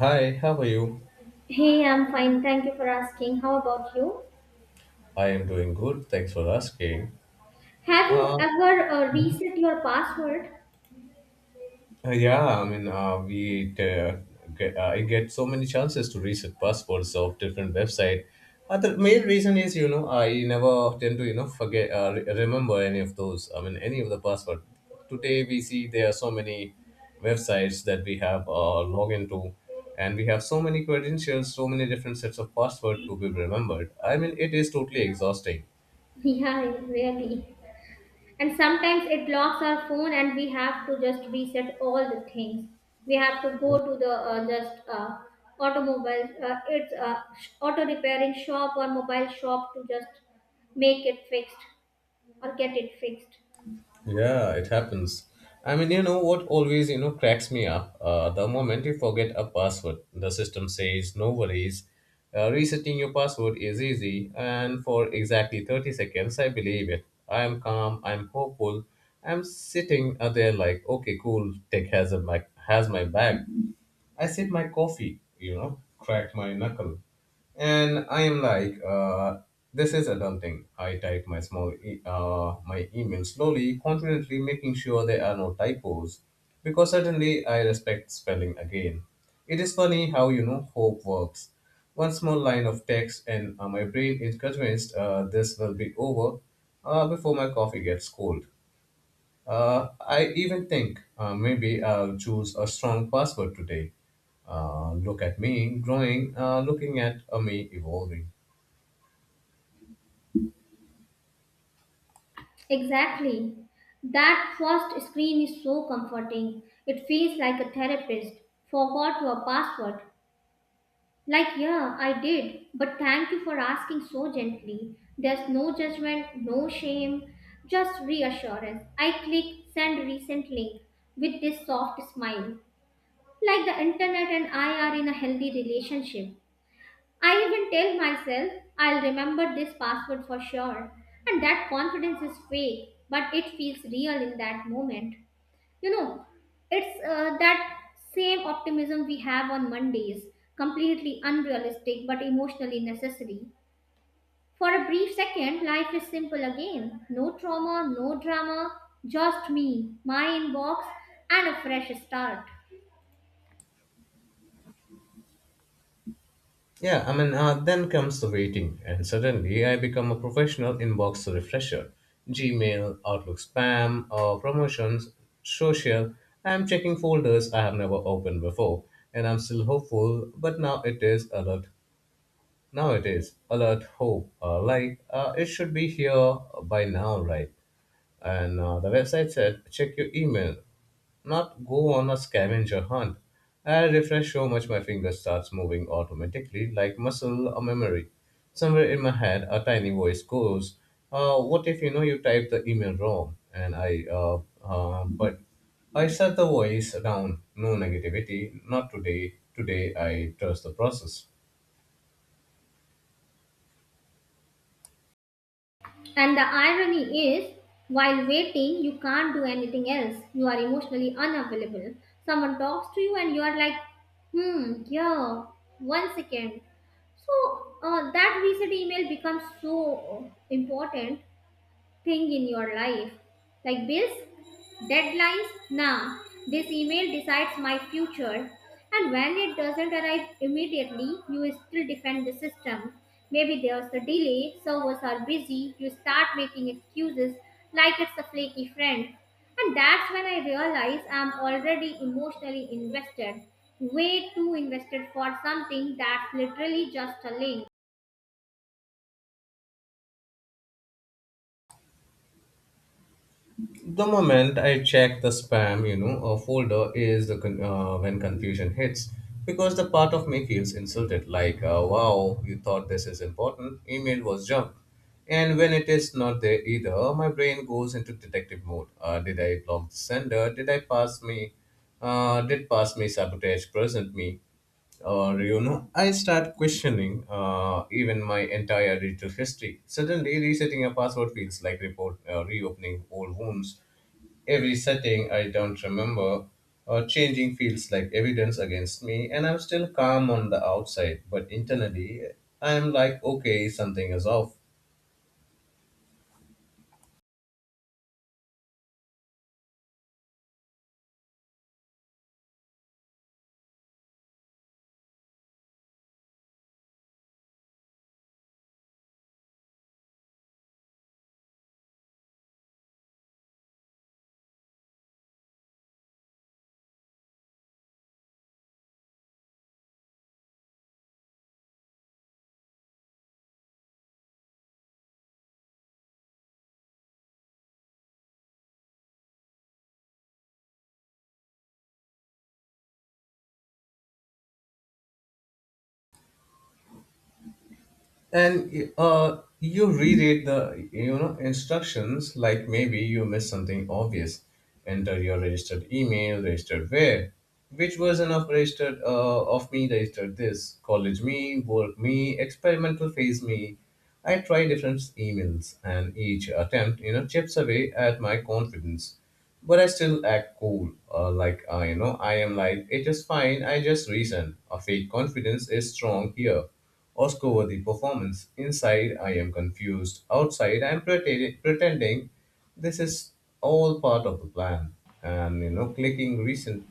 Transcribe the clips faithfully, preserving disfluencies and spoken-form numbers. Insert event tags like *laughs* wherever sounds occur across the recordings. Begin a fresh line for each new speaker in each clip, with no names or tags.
Hi, how are you?
Hey, I'm fine. Thank you for asking. How about you?
I am doing good. Thanks for asking.
Have you
Uh,
ever uh, reset your password? *laughs*
yeah, I mean, uh, we uh, get, I get so many chances to reset passwords of different website. Uh, the main reason is, you know, I never tend to, you know, forget, uh, re- remember any of those. I mean, any of the password. Today we see there are so many websites that we have uh, log into, and we have so many credentials, so many different sets of password to be remembered. I mean, it is totally exhausting.
Yeah, really. And sometimes it locks our phone, and we have to just reset all the things. We have to go to the uh, just uh, automobile, uh, it's uh, sh- auto repairing shop or mobile shop to just make it fixed or get it fixed.
Yeah, it happens. I mean, you know what always, you know, cracks me up? Uh, the moment you forget a password, the system says, no worries. Uh, resetting your password is easy, and for exactly thirty seconds, I believe it. I am calm, I'm hopeful, I'm sitting uh, there like, okay, cool, tech has, a, my, has my back. I sip my coffee, you know, crack my knuckle, and I am like, uh, this is adulting. I type my small, e- uh, my email slowly, confidently, making sure there are no typos, because suddenly I respect spelling again. It is funny how you know hope works. One small line of text, and uh, my brain is convinced uh, this will be over uh, before my coffee gets cold. Uh, I even think uh, maybe I'll choose a strong password today. Uh, look at me growing, uh, looking at uh, me evolving.
Exactly. That first screen is so comforting. It feels like a therapist. Forgot your password. Like, yeah, I did, but thank you for asking so gently. There's no judgment, no shame, just reassurance. I click send recent link with this soft smile. Like the internet and I are in a healthy relationship. I even tell myself I'll remember this password for sure. And that confidence is fake, but it feels real in that moment. You know, it's uh, that same optimism we have on Mondays, completely unrealistic but emotionally necessary. For a brief second, life is simple again. No trauma, no drama, just me, my inbox, and a fresh start.
Yeah, I mean, uh, then comes the waiting, and suddenly I become a professional inbox refresher. Gmail, Outlook spam, uh, promotions, social. I'm checking folders I have never opened before, and I'm still hopeful, but now it is alert. Now it is alert hope. Uh, like, uh, it should be here by now, right? And uh, the website said, check your email, not go on a scavenger hunt. I refresh so much my finger starts moving automatically like muscle or memory. Somewhere in my head, a tiny voice goes, uh, what if you know you typed the email wrong? And I, uh, uh, but I shut the voice down. No negativity, not today. Today I trust the process.
And the irony is, while waiting, you can't do anything else. You are emotionally unavailable. Someone talks to you, and you are like, hmm, yeah, one second. So uh, that reset email becomes so important thing in your life. Like bills, deadlines, nah, this email decides my future. And when it doesn't arrive immediately, you still defend the system. Maybe there's a delay, servers are busy, you start making excuses like it's a flaky friend. And that's when I realize I'm already emotionally invested. Way too invested for something that's literally just a link.
The moment I check the spam, you know, a folder is the con- uh, when confusion hits because the part of me feels insulted. Like, uh, wow, you thought this is important. Email was junk. And when it is not there either, my brain goes into detective mode. Uh, did I block the sender? Did I pass me? Uh, did pass me sabotage present me? Or you know I start questioning uh, even my entire digital history. Suddenly resetting a password feels like report, uh, reopening old wounds. Every setting I don't remember or changing feels like evidence against me, and I'm still calm on the outside, but internally I'm like, okay, something is off. And uh, you reread the you know instructions, like maybe you missed something obvious. Enter your registered email. Registered where? Which version of registered, uh, of me registered? This college me, work me, experimental phase me. I try different emails, and each attempt, you know, chips away at my confidence. But I still act cool, uh, like uh, you know, I am like it is fine. I just reason. A fake confidence is strong here. Oscar over the performance. Inside, I am confused. Outside, I am pretending, pretending this is all part of the plan. And, you know, clicking recent.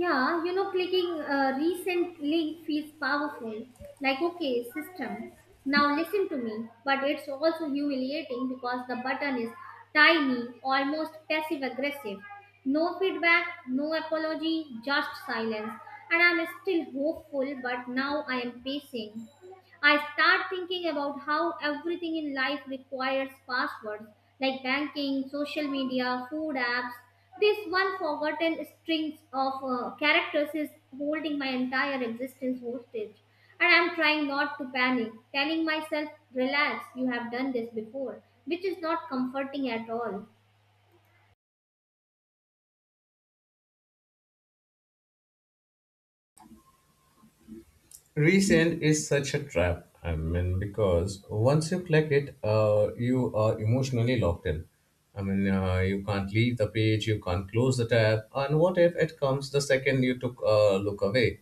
Yeah, you know, clicking a recent link feels powerful. Like, okay, system, now listen to me. But it's also humiliating because the button is tiny, almost passive aggressive. No feedback, no apology, just silence. And I'm still hopeful, but now I am pacing. I start thinking about how everything in life requires passwords like banking, social media, food apps. This one forgotten string of uh, characters is holding my entire existence hostage. And I'm trying not to panic, telling myself, relax, you have done this before, which is not comforting at all.
Resale is such a trap. I mean, because once you click it, uh, you are emotionally locked in. I mean, uh, you can't leave the page, you can't close the tab, and what if it comes the second you took a look away?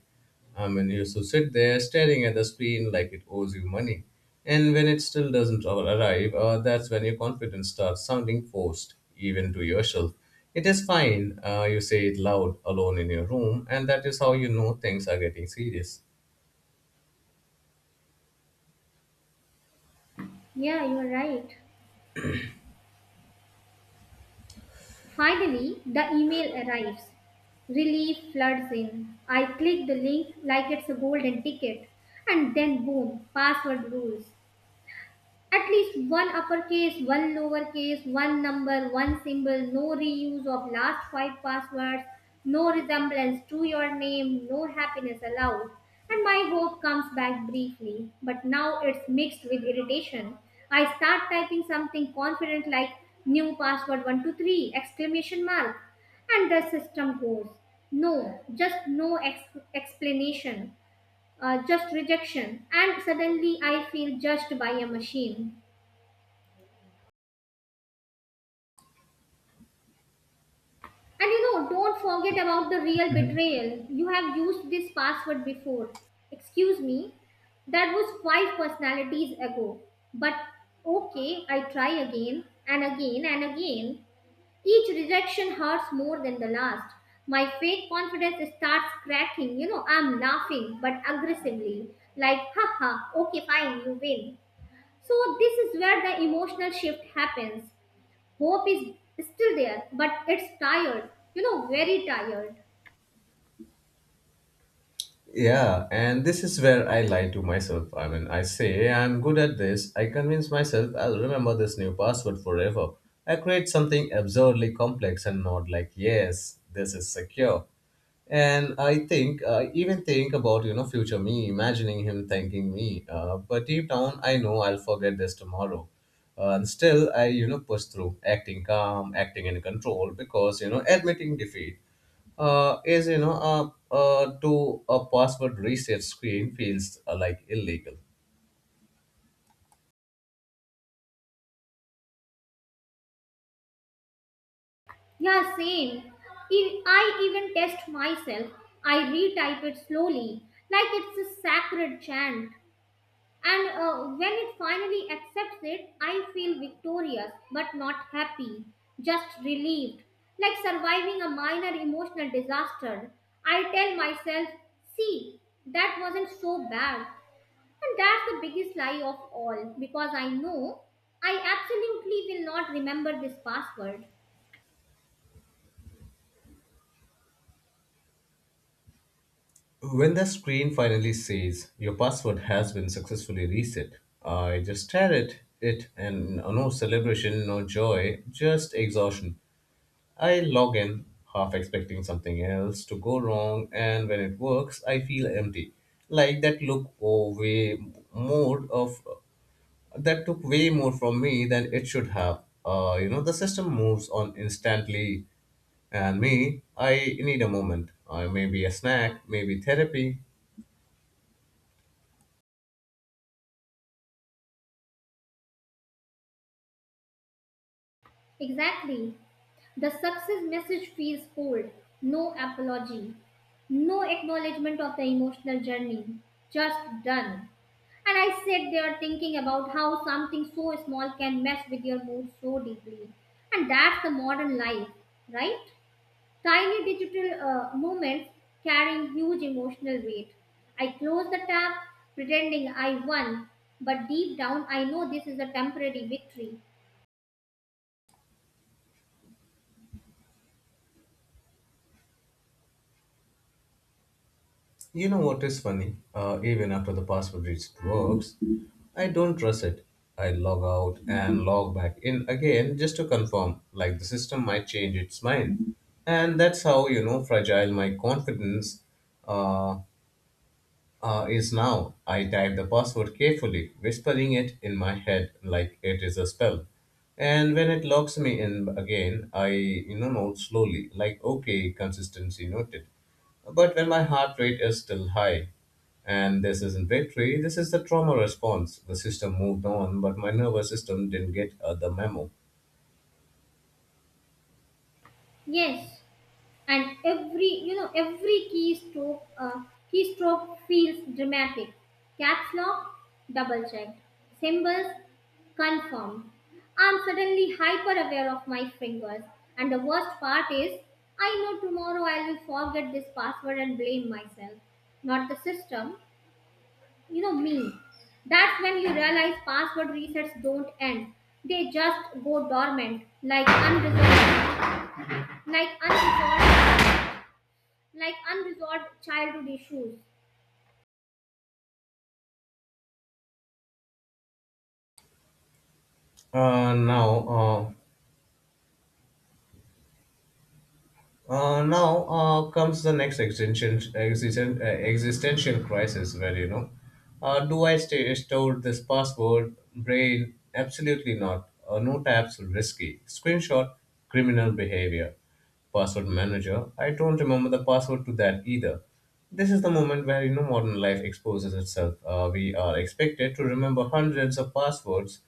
I mean, you used to sit there staring at the screen like it owes you money. And when it still doesn't arrive, uh, that's when your confidence starts sounding forced, even to yourself. It is fine, uh, you say it loud alone in your room, and that is how you know things are getting serious.
Yeah, you're right. Finally, the email arrives. Relief floods in. I click the link like it's a golden ticket, and then boom, password rules. At least one uppercase, one lowercase, one number, one symbol, no reuse of last five passwords, no resemblance to your name, no happiness allowed. And my hope comes back briefly, but now it's mixed with irritation. I start typing something confident like new password one two three exclamation mark, and the system goes no, just no ex- explanation, uh, just rejection, and suddenly I feel judged by a machine. And you know, don't forget about the real betrayal. You have used this password before. Excuse me, that was five personalities ago. But okay, I try again and again and again. Each rejection hurts more than the last. My fake confidence starts cracking. You know, I'm laughing but aggressively. Like, haha, okay, fine, you win. So, this is where the emotional shift happens. Hope is still there, but it's tired, you know, very tired.
Yeah, and this is where I lie to myself. I mean, I say I'm good at this. I convince myself I'll remember this new password forever. I create something absurdly complex and nod like, yes, this is secure. And I think, I even think about, you know, future me, imagining him thanking me. Uh, but deep down, I know I'll forget this tomorrow. Uh, and still, I, you know, push through, acting calm, acting in control, because, you know, admitting defeat uh, is you know uh, uh, to a password reset screen feels uh, like illegal.
Yeah, same. E- I even test myself. I retype it slowly like it's a sacred chant, and uh, when it finally accepts it, I feel victorious, but not happy, just relieved, like surviving a minor emotional disaster. I tell myself, see, that wasn't so bad. And that's the biggest lie of all, because I know I absolutely will not remember this password.
When the screen finally says your password has been successfully reset, I just stare at it, and uh, no celebration, no joy, just exhaustion. I log in, half expecting something else to go wrong, and when it works, I feel empty, like that look over mood of that took way more from me than it should have. Uh, you know, the system moves on instantly, and me, I need a moment. Uh, maybe a snack, maybe therapy.
Exactly. The success message feels cold. No apology. No acknowledgement of the emotional journey. Just done. And I sat there thinking about how something so small can mess with your mood so deeply. And that's the modern life, right? Tiny digital uh, moments carrying huge emotional weight. I close the tab pretending I won, but deep down I know this is a temporary victory.
You know what is funny? Uh, even after the password reset works, I don't trust it. I log out and log back in again just to confirm, like the system might change its mind. And that's how, you know, fragile my confidence uh, uh, is now. I type the password carefully, whispering it in my head like it is a spell. And when it locks me in again, I you know note slowly, like okay, consistency noted. But when my heart rate is still high, and this isn't victory, this is the trauma response. The system moved on, but my nervous system didn't get uh, the memo.
Yes, and every, you know, every keystroke uh, keystroke feels dramatic. Caps lock double checked, symbols confirmed. I'm suddenly hyper aware of my fingers. And the worst part is, I know tomorrow I will forget this password and blame myself, not the system, you know me. That's when you realize password resets don't end, they just go dormant, like unresolved, like unresolved, like unresolved childhood issues.
Uh, now, uh, Uh, now uh, comes the next existential, existen- uh, existential crisis where, you know, uh, do I stay, store this password, brain? Absolutely not. Uh, no tabs, risky. Screenshot, criminal behavior. Password manager, I don't remember the password to that either. This is the moment where, you know, modern life exposes itself. Uh, we are expected to remember hundreds of passwords,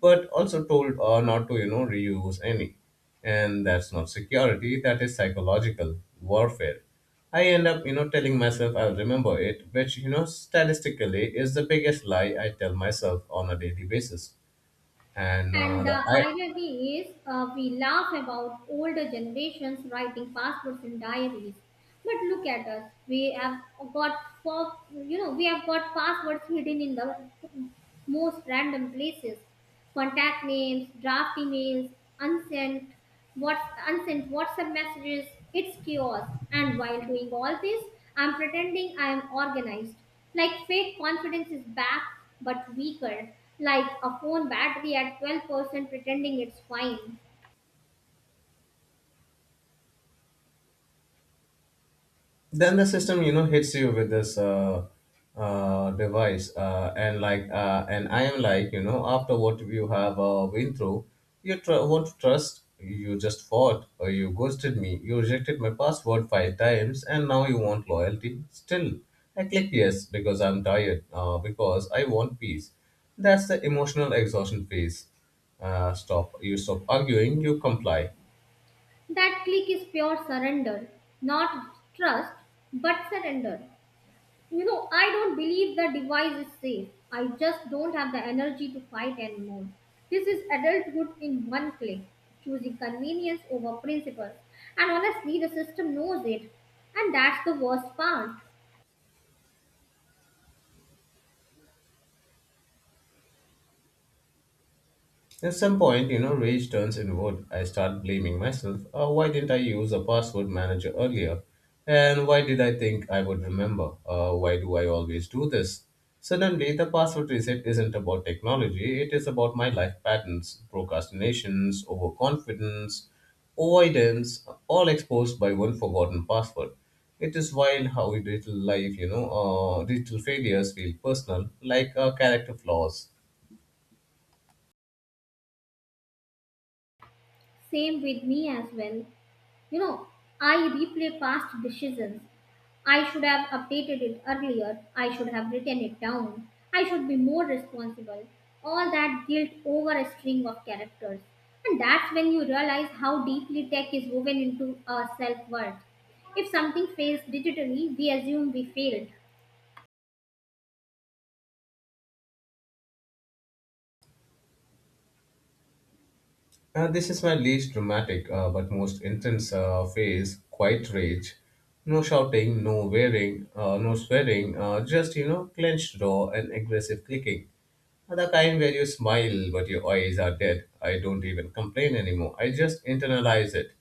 but also told uh, not to you know reuse any. And that's not security, that is psychological warfare. I end up you know telling myself I'll remember it, which you know statistically is the biggest lie I tell myself on a daily basis. and uh,
And
the
the irony is, uh, we laugh about older generations writing passwords in diaries, but look at us. We have got for you know we have got passwords hidden in the most random places: contact names, draft emails, unsent, what's unsent WhatsApp messages. It's chaos. And while doing all this, I'm pretending I'm organized. Like fake confidence is back, but weaker. Like a phone battery at twelve percent pretending it's fine.
then the system you know hits you with this uh, uh, device, uh, and like uh, and I am like, you know after what you have uh, been through, you tr- won't trust. You just fought, or you ghosted me. You rejected my password five times, and now you want loyalty. Still, I click yes because I'm tired, uh, because I want peace. That's the emotional exhaustion phase. Uh, stop you stop arguing, you comply.
That click is pure surrender, not trust, but surrender. You know, I don't believe the device is safe. I just don't have the energy to fight anymore. This is adulthood in one click, choosing convenience over principles. And honestly, the system knows it. And that's the worst part.
At some point, you know, rage turns inward. I start blaming myself. Uh, why didn't I use a password manager earlier? And why did I think I would remember? Uh, why do I always do this? Suddenly, the password reset isn't about technology, it is about my life patterns, procrastinations, overconfidence, avoidance, all exposed by one forgotten password. It is wild how digital life, you know, uh, digital failures feel personal, like uh, character flaws.
Same with me as well. You know, I replay past decisions. I should have updated it earlier. I should have written it down. I should be more responsible. All that guilt over a string of characters. And that's when you realize how deeply tech is woven into our self worth. If something fails digitally, we assume we failed.
Uh, this is my least dramatic uh, but most intense uh, phase, quiet rage. No shouting, no wearing, uh, no swearing, uh, just, you know, clenched jaw and aggressive clicking. Uh, The kind where you smile but your eyes are dead. I don't even complain anymore. I just internalize it.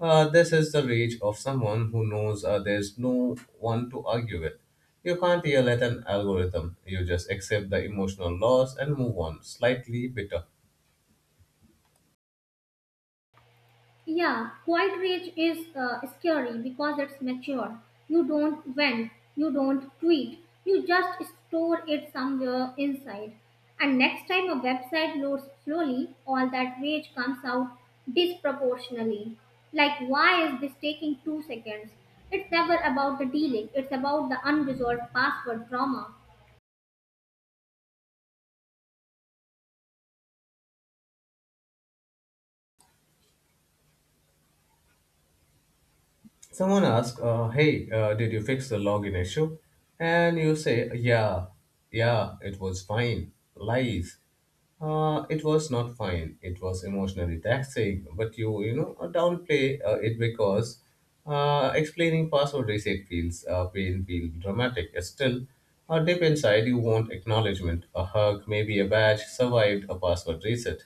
Uh, this is the rage of someone who knows uh, there's no one to argue with. You can't yell at an algorithm. You just accept the emotional loss and move on, slightly bitter.
Yeah, quiet rage is uh, scary because it's mature. You don't vent, you don't tweet, you just store it somewhere inside. And next time a website loads slowly, all that rage comes out disproportionately. Like, why is this taking two seconds? It's never about the delay, it's about the unresolved password trauma.
Someone asks, uh, "Hey, uh, did you fix the login issue?" And you say, "Yeah, yeah, it was fine." Lies. Uh, it was not fine. It was emotionally taxing, but you you know uh, downplay uh, it because uh, explaining password reset feels uh, pain feel dramatic. Still, uh, deep inside you want acknowledgement, a hug, maybe a badge. Survived a password reset.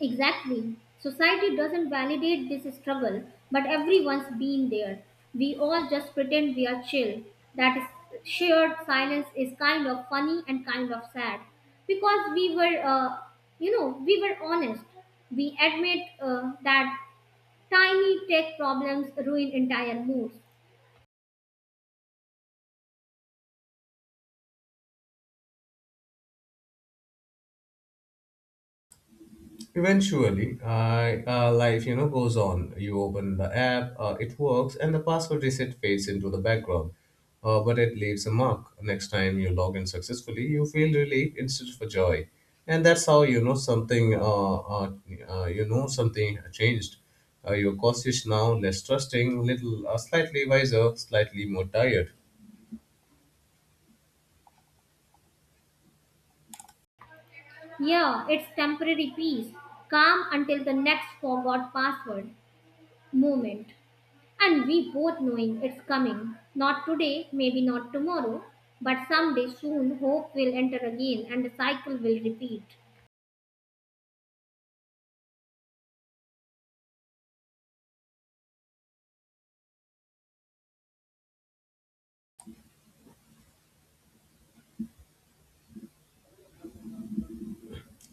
Exactly. Society doesn't validate this struggle, but everyone's been there. We all just pretend we are chill. That is, shared silence is kind of funny and kind of sad, because we were, uh, you know, we were honest. We admit uh, that tiny tech problems ruin entire moods.
Eventually, I, uh, life you know goes on. You open the app, uh, it works, and the password reset fades into the background. Uh, but it leaves a mark. Next time you log in successfully, you feel relief instead of joy, and that's how you know something. Uh, uh, uh, you know something changed. Uh, you're cautious now, less trusting, little, uh, slightly wiser, slightly more tired.
Yeah, it's temporary peace, calm until the next forgot password moment. And we both knowing it's coming. Not today, maybe not tomorrow, but someday soon hope will enter again and the cycle will repeat.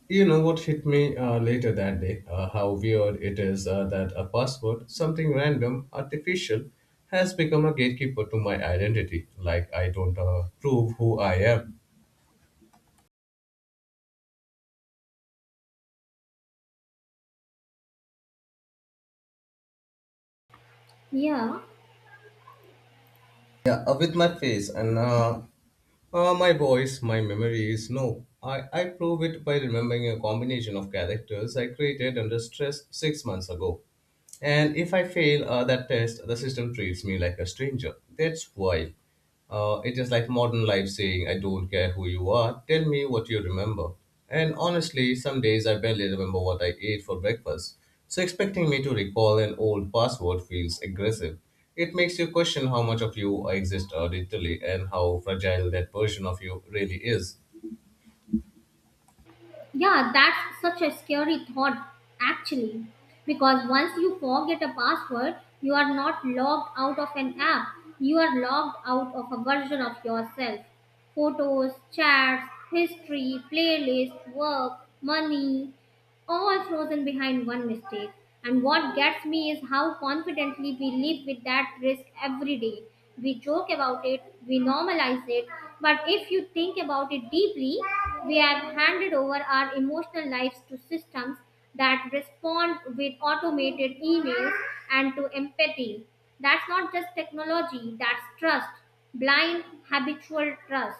You know what hit me uh, later that day? Uh, how weird it is uh, that a password, something random, artificial, has become a gatekeeper to my identity. Like I don't uh, prove who I am.
Yeah,
Yeah, uh, with my face and uh, uh, my voice, my memories. No, I, I prove it by remembering a combination of characters I created under stress six months ago. And if I fail uh, that test, the system treats me like a stranger. That's why. Uh, it is like modern life saying, I don't care who you are, tell me what you remember. And honestly, some days I barely remember what I ate for breakfast. So expecting me to recall an old password feels aggressive. It makes you question how much of you exists uh, digitally and how fragile that version of you really is.
yeah, that's such a scary thought actually. Because once you forget a password, you are not logged out of an app, you are logged out of a version of yourself. Photos, chats, history, playlist, work, money, all frozen behind one mistake. And what gets me is how confidently we live with that risk every day. We joke about it, we normalize it, but if you think about it deeply, we have handed over our emotional lives to systems that respond with automated emails and to empathy. That's not just technology, that's trust, blind habitual trust.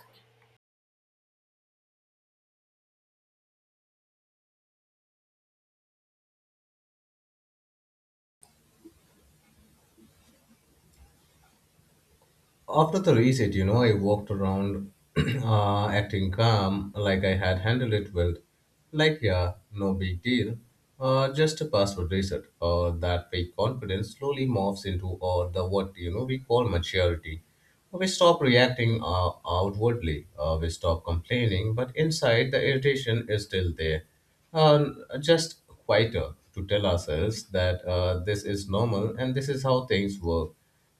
After the reset, you know, I walked around *clears throat* uh, acting calm, like I had handled it well. Like, yeah, no big deal. Uh, just a password reset. Uh, that fake confidence slowly morphs into uh, the what you know we call maturity. We stop reacting uh, outwardly. Uh, we stop complaining, but inside the irritation is still there. Um, just quieter to tell ourselves that uh, this is normal and this is how things work,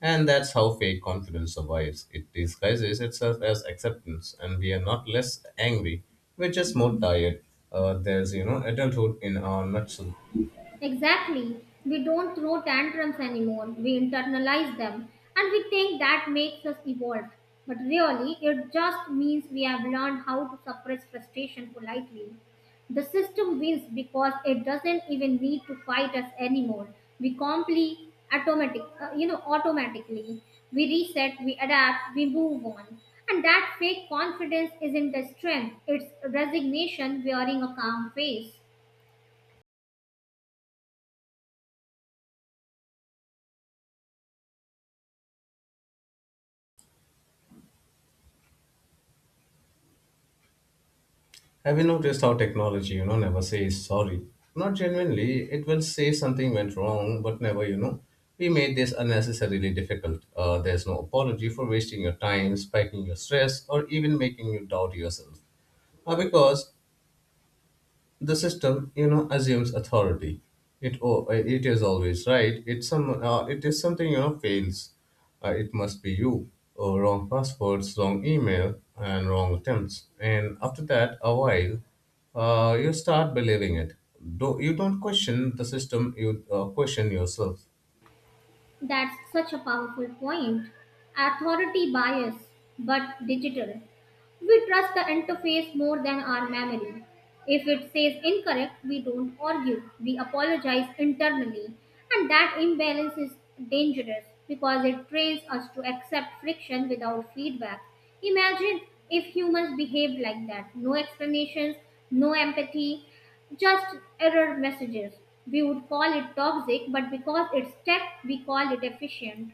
and that's how fake confidence survives. It disguises itself as acceptance, and we are not less angry. We're just more tired. Uh, there's, you know, adulthood in our nutshell.
Exactly. We don't throw tantrums anymore. We internalize them, and we think that makes us evolved. But really, it just means we have learned how to suppress frustration politely. The system wins because it doesn't even need to fight us anymore. We comply automatic, uh, you know, automatically. We reset, we adapt, we move on. And that fake confidence isn't a strength, it's resignation wearing a calm face.
Have you noticed how technology, you know, never says sorry? Not genuinely. It will say something went wrong, but never, you know, we made this unnecessarily difficult. Uh, there's no apology for wasting your time, spiking your stress, or even making you doubt yourself. Uh, because the system, you know, assumes authority. It, oh, it is always right. It some, uh, it is something, you know, fails, uh, it must be you. Oh, wrong passwords, wrong email, and wrong attempts, and after that a while, uh, you start believing it. Do you don't question the system, you uh, question yourself.
That's such a powerful point. Authority bias, but digital. We trust the interface more than our memory. If it says incorrect, we don't argue. We apologize internally. And that imbalance is dangerous because it trains us to accept friction without feedback. Imagine if humans behaved like that: no explanations, no empathy, just error messages. We would call it toxic, but because it's tech, we call it efficient.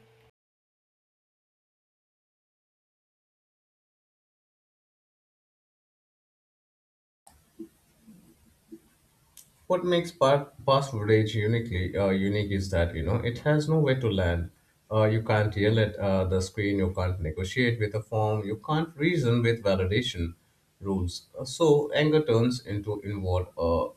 What makes pa- past footage uniquely uh, unique is that, you know, it has nowhere to land. Uh, you can't yell at uh, the screen. You can't negotiate with a form. You can't reason with validation rules. Uh, so anger turns into inward, uh,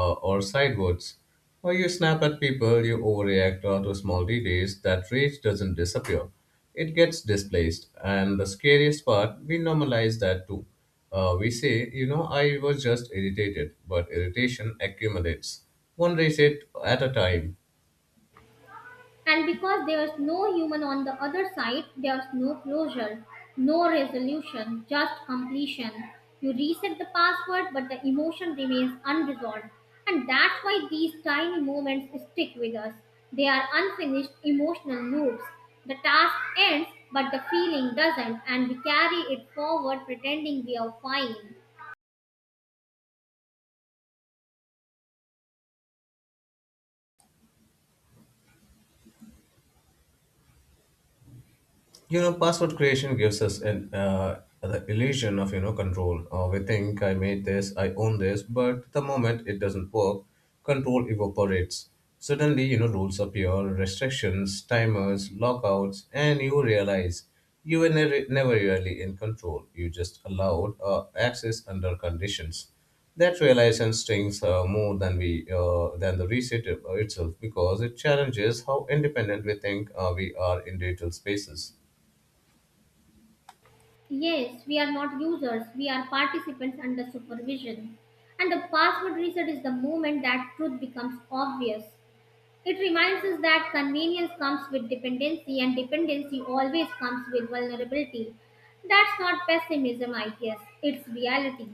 uh, or sidewards. Or you snap at people. You overreact uh, to small details. That rage doesn't disappear. It gets displaced. And the scariest part, we normalize that too. Uh, we say, you know, I was just irritated, but irritation accumulates, one reset at a time.
And because there was no human on the other side, there was no closure, no resolution, just completion. You reset the password, but the emotion remains unresolved. And that's why these tiny moments stick with us. They are unfinished emotional loops. The task ends, but the feeling doesn't, and we carry it forward pretending we are fine.
You know, password creation gives us an uh, the illusion of, you know, control. Uh, we think I made this, I own this, but the moment it doesn't work, control evaporates. Suddenly, you know, rules appear, restrictions, timers, lockouts, and you realize you were never, never really in control. You just allowed uh, access under conditions. That realization stings, uh, more than we uh, than the reset it- itself, because it challenges how independent we think uh, we are in digital spaces.
Yes, we are not users, we are participants under supervision. And the password reset is the moment that truth becomes obvious. It reminds us that convenience comes with dependency, and dependency always comes with vulnerability. That's not pessimism, I guess, it's reality.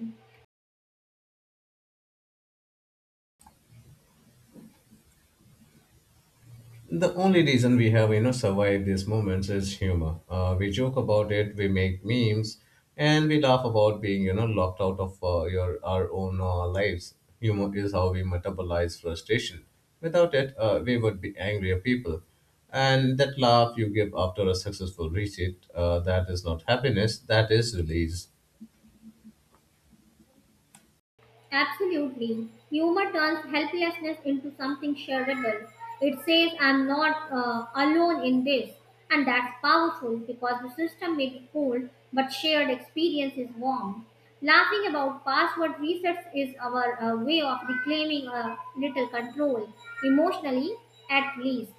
The only reason we have, you know, survived these moments is humor. Uh, we joke about it, we make memes, and we laugh about being, you know, locked out of uh, your our own uh, lives. Humor is how we metabolize frustration. Without it, uh, we would be angrier people. And that laugh you give after a successful retreat, uh, that is not happiness, that is release.
Absolutely. Humor turns helplessness into something shareable. It says, I'm not uh, alone in this. And that's powerful because the system may be cold, but shared experience is warm. Laughing about password resets is our uh, way of reclaiming a little control, emotionally at least.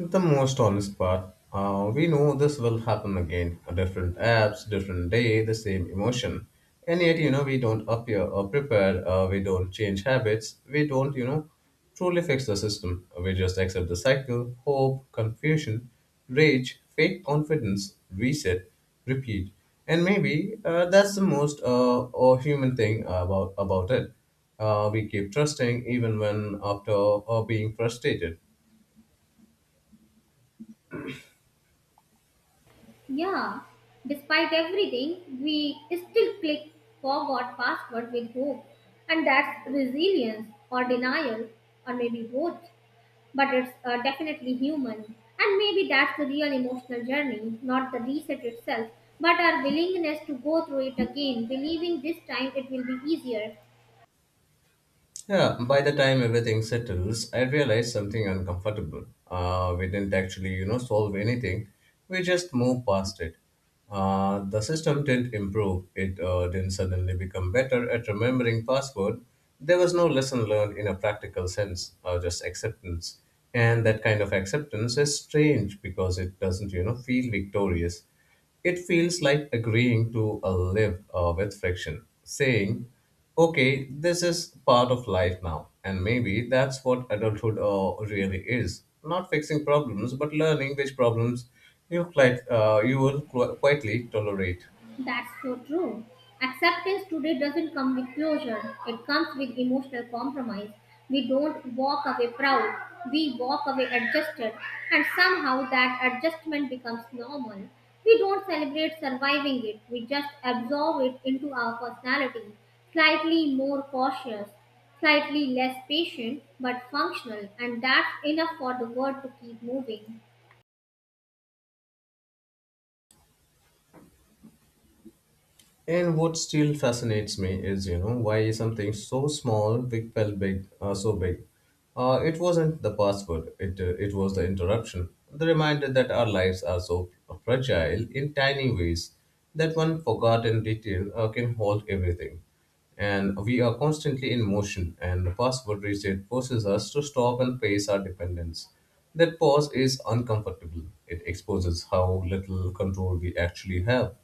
The most honest part. Uh, we know this will happen again. A different apps, different day, the same emotion. And yet, you know, we don't appear or prepare. Uh, we don't change habits. We don't, you know, truly fix the system. We just accept the cycle, hope, confusion, rage, fake confidence, reset, repeat. And maybe uh, that's the most uh, or human thing about about it. Uh, we keep trusting even when after uh, being frustrated.
Yeah, despite everything, we still click forgot password with hope, and that's resilience or denial, or maybe both. But it's uh, definitely human, and maybe that's the real emotional journey, not the reset itself, but our willingness to go through it again, believing this time it will be easier.
Yeah, by the time everything settles, I realized something uncomfortable. Uh, we didn't actually, you know, solve anything. We just moved past it. Uh, the system didn't improve. It uh, didn't suddenly become better at remembering password. There was no lesson learned in a practical sense, or just acceptance. And that kind of acceptance is strange because it doesn't, you know, feel victorious. It feels like agreeing to uh, live uh, with friction, saying, okay, this is part of life now, and maybe that's what adulthood uh, really is. Not fixing problems, but learning which problems you, quite, uh, you will qu- quietly tolerate.
That's so true. Acceptance today doesn't come with closure, it comes with emotional compromise. We don't walk away proud, we walk away adjusted, and somehow that adjustment becomes normal. We don't celebrate surviving it, we just absorb it into our personality. Slightly more cautious, slightly less patient, but functional, and that's enough for the world to keep moving.
And what still fascinates me is, you know, why something so small big felt big, uh, so big. Uh, it wasn't the password; it uh, it was the interruption, the reminder that our lives are so fragile in tiny ways that one forgotten detail uh, can halt everything. And we are constantly in motion, and the password reset forces us to stop and face our dependence. That pause is uncomfortable. It exposes how little control we actually have.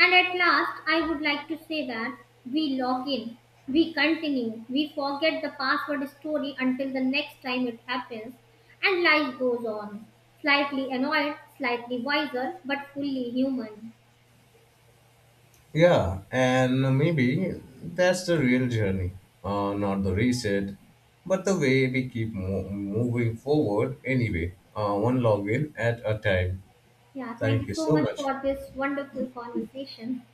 And at last, I would like to say that we log in, we continue, we forget the password story until the next time it happens, and life goes on. Slightly annoyed, slightly wiser, but fully human.
Yeah, and maybe that's the real journey, uh, not the reset, but the way we keep mo- moving forward anyway, uh, one login at a time.
Yeah, thank
Thank
you
you
so
so
much
much.
for this wonderful conversation.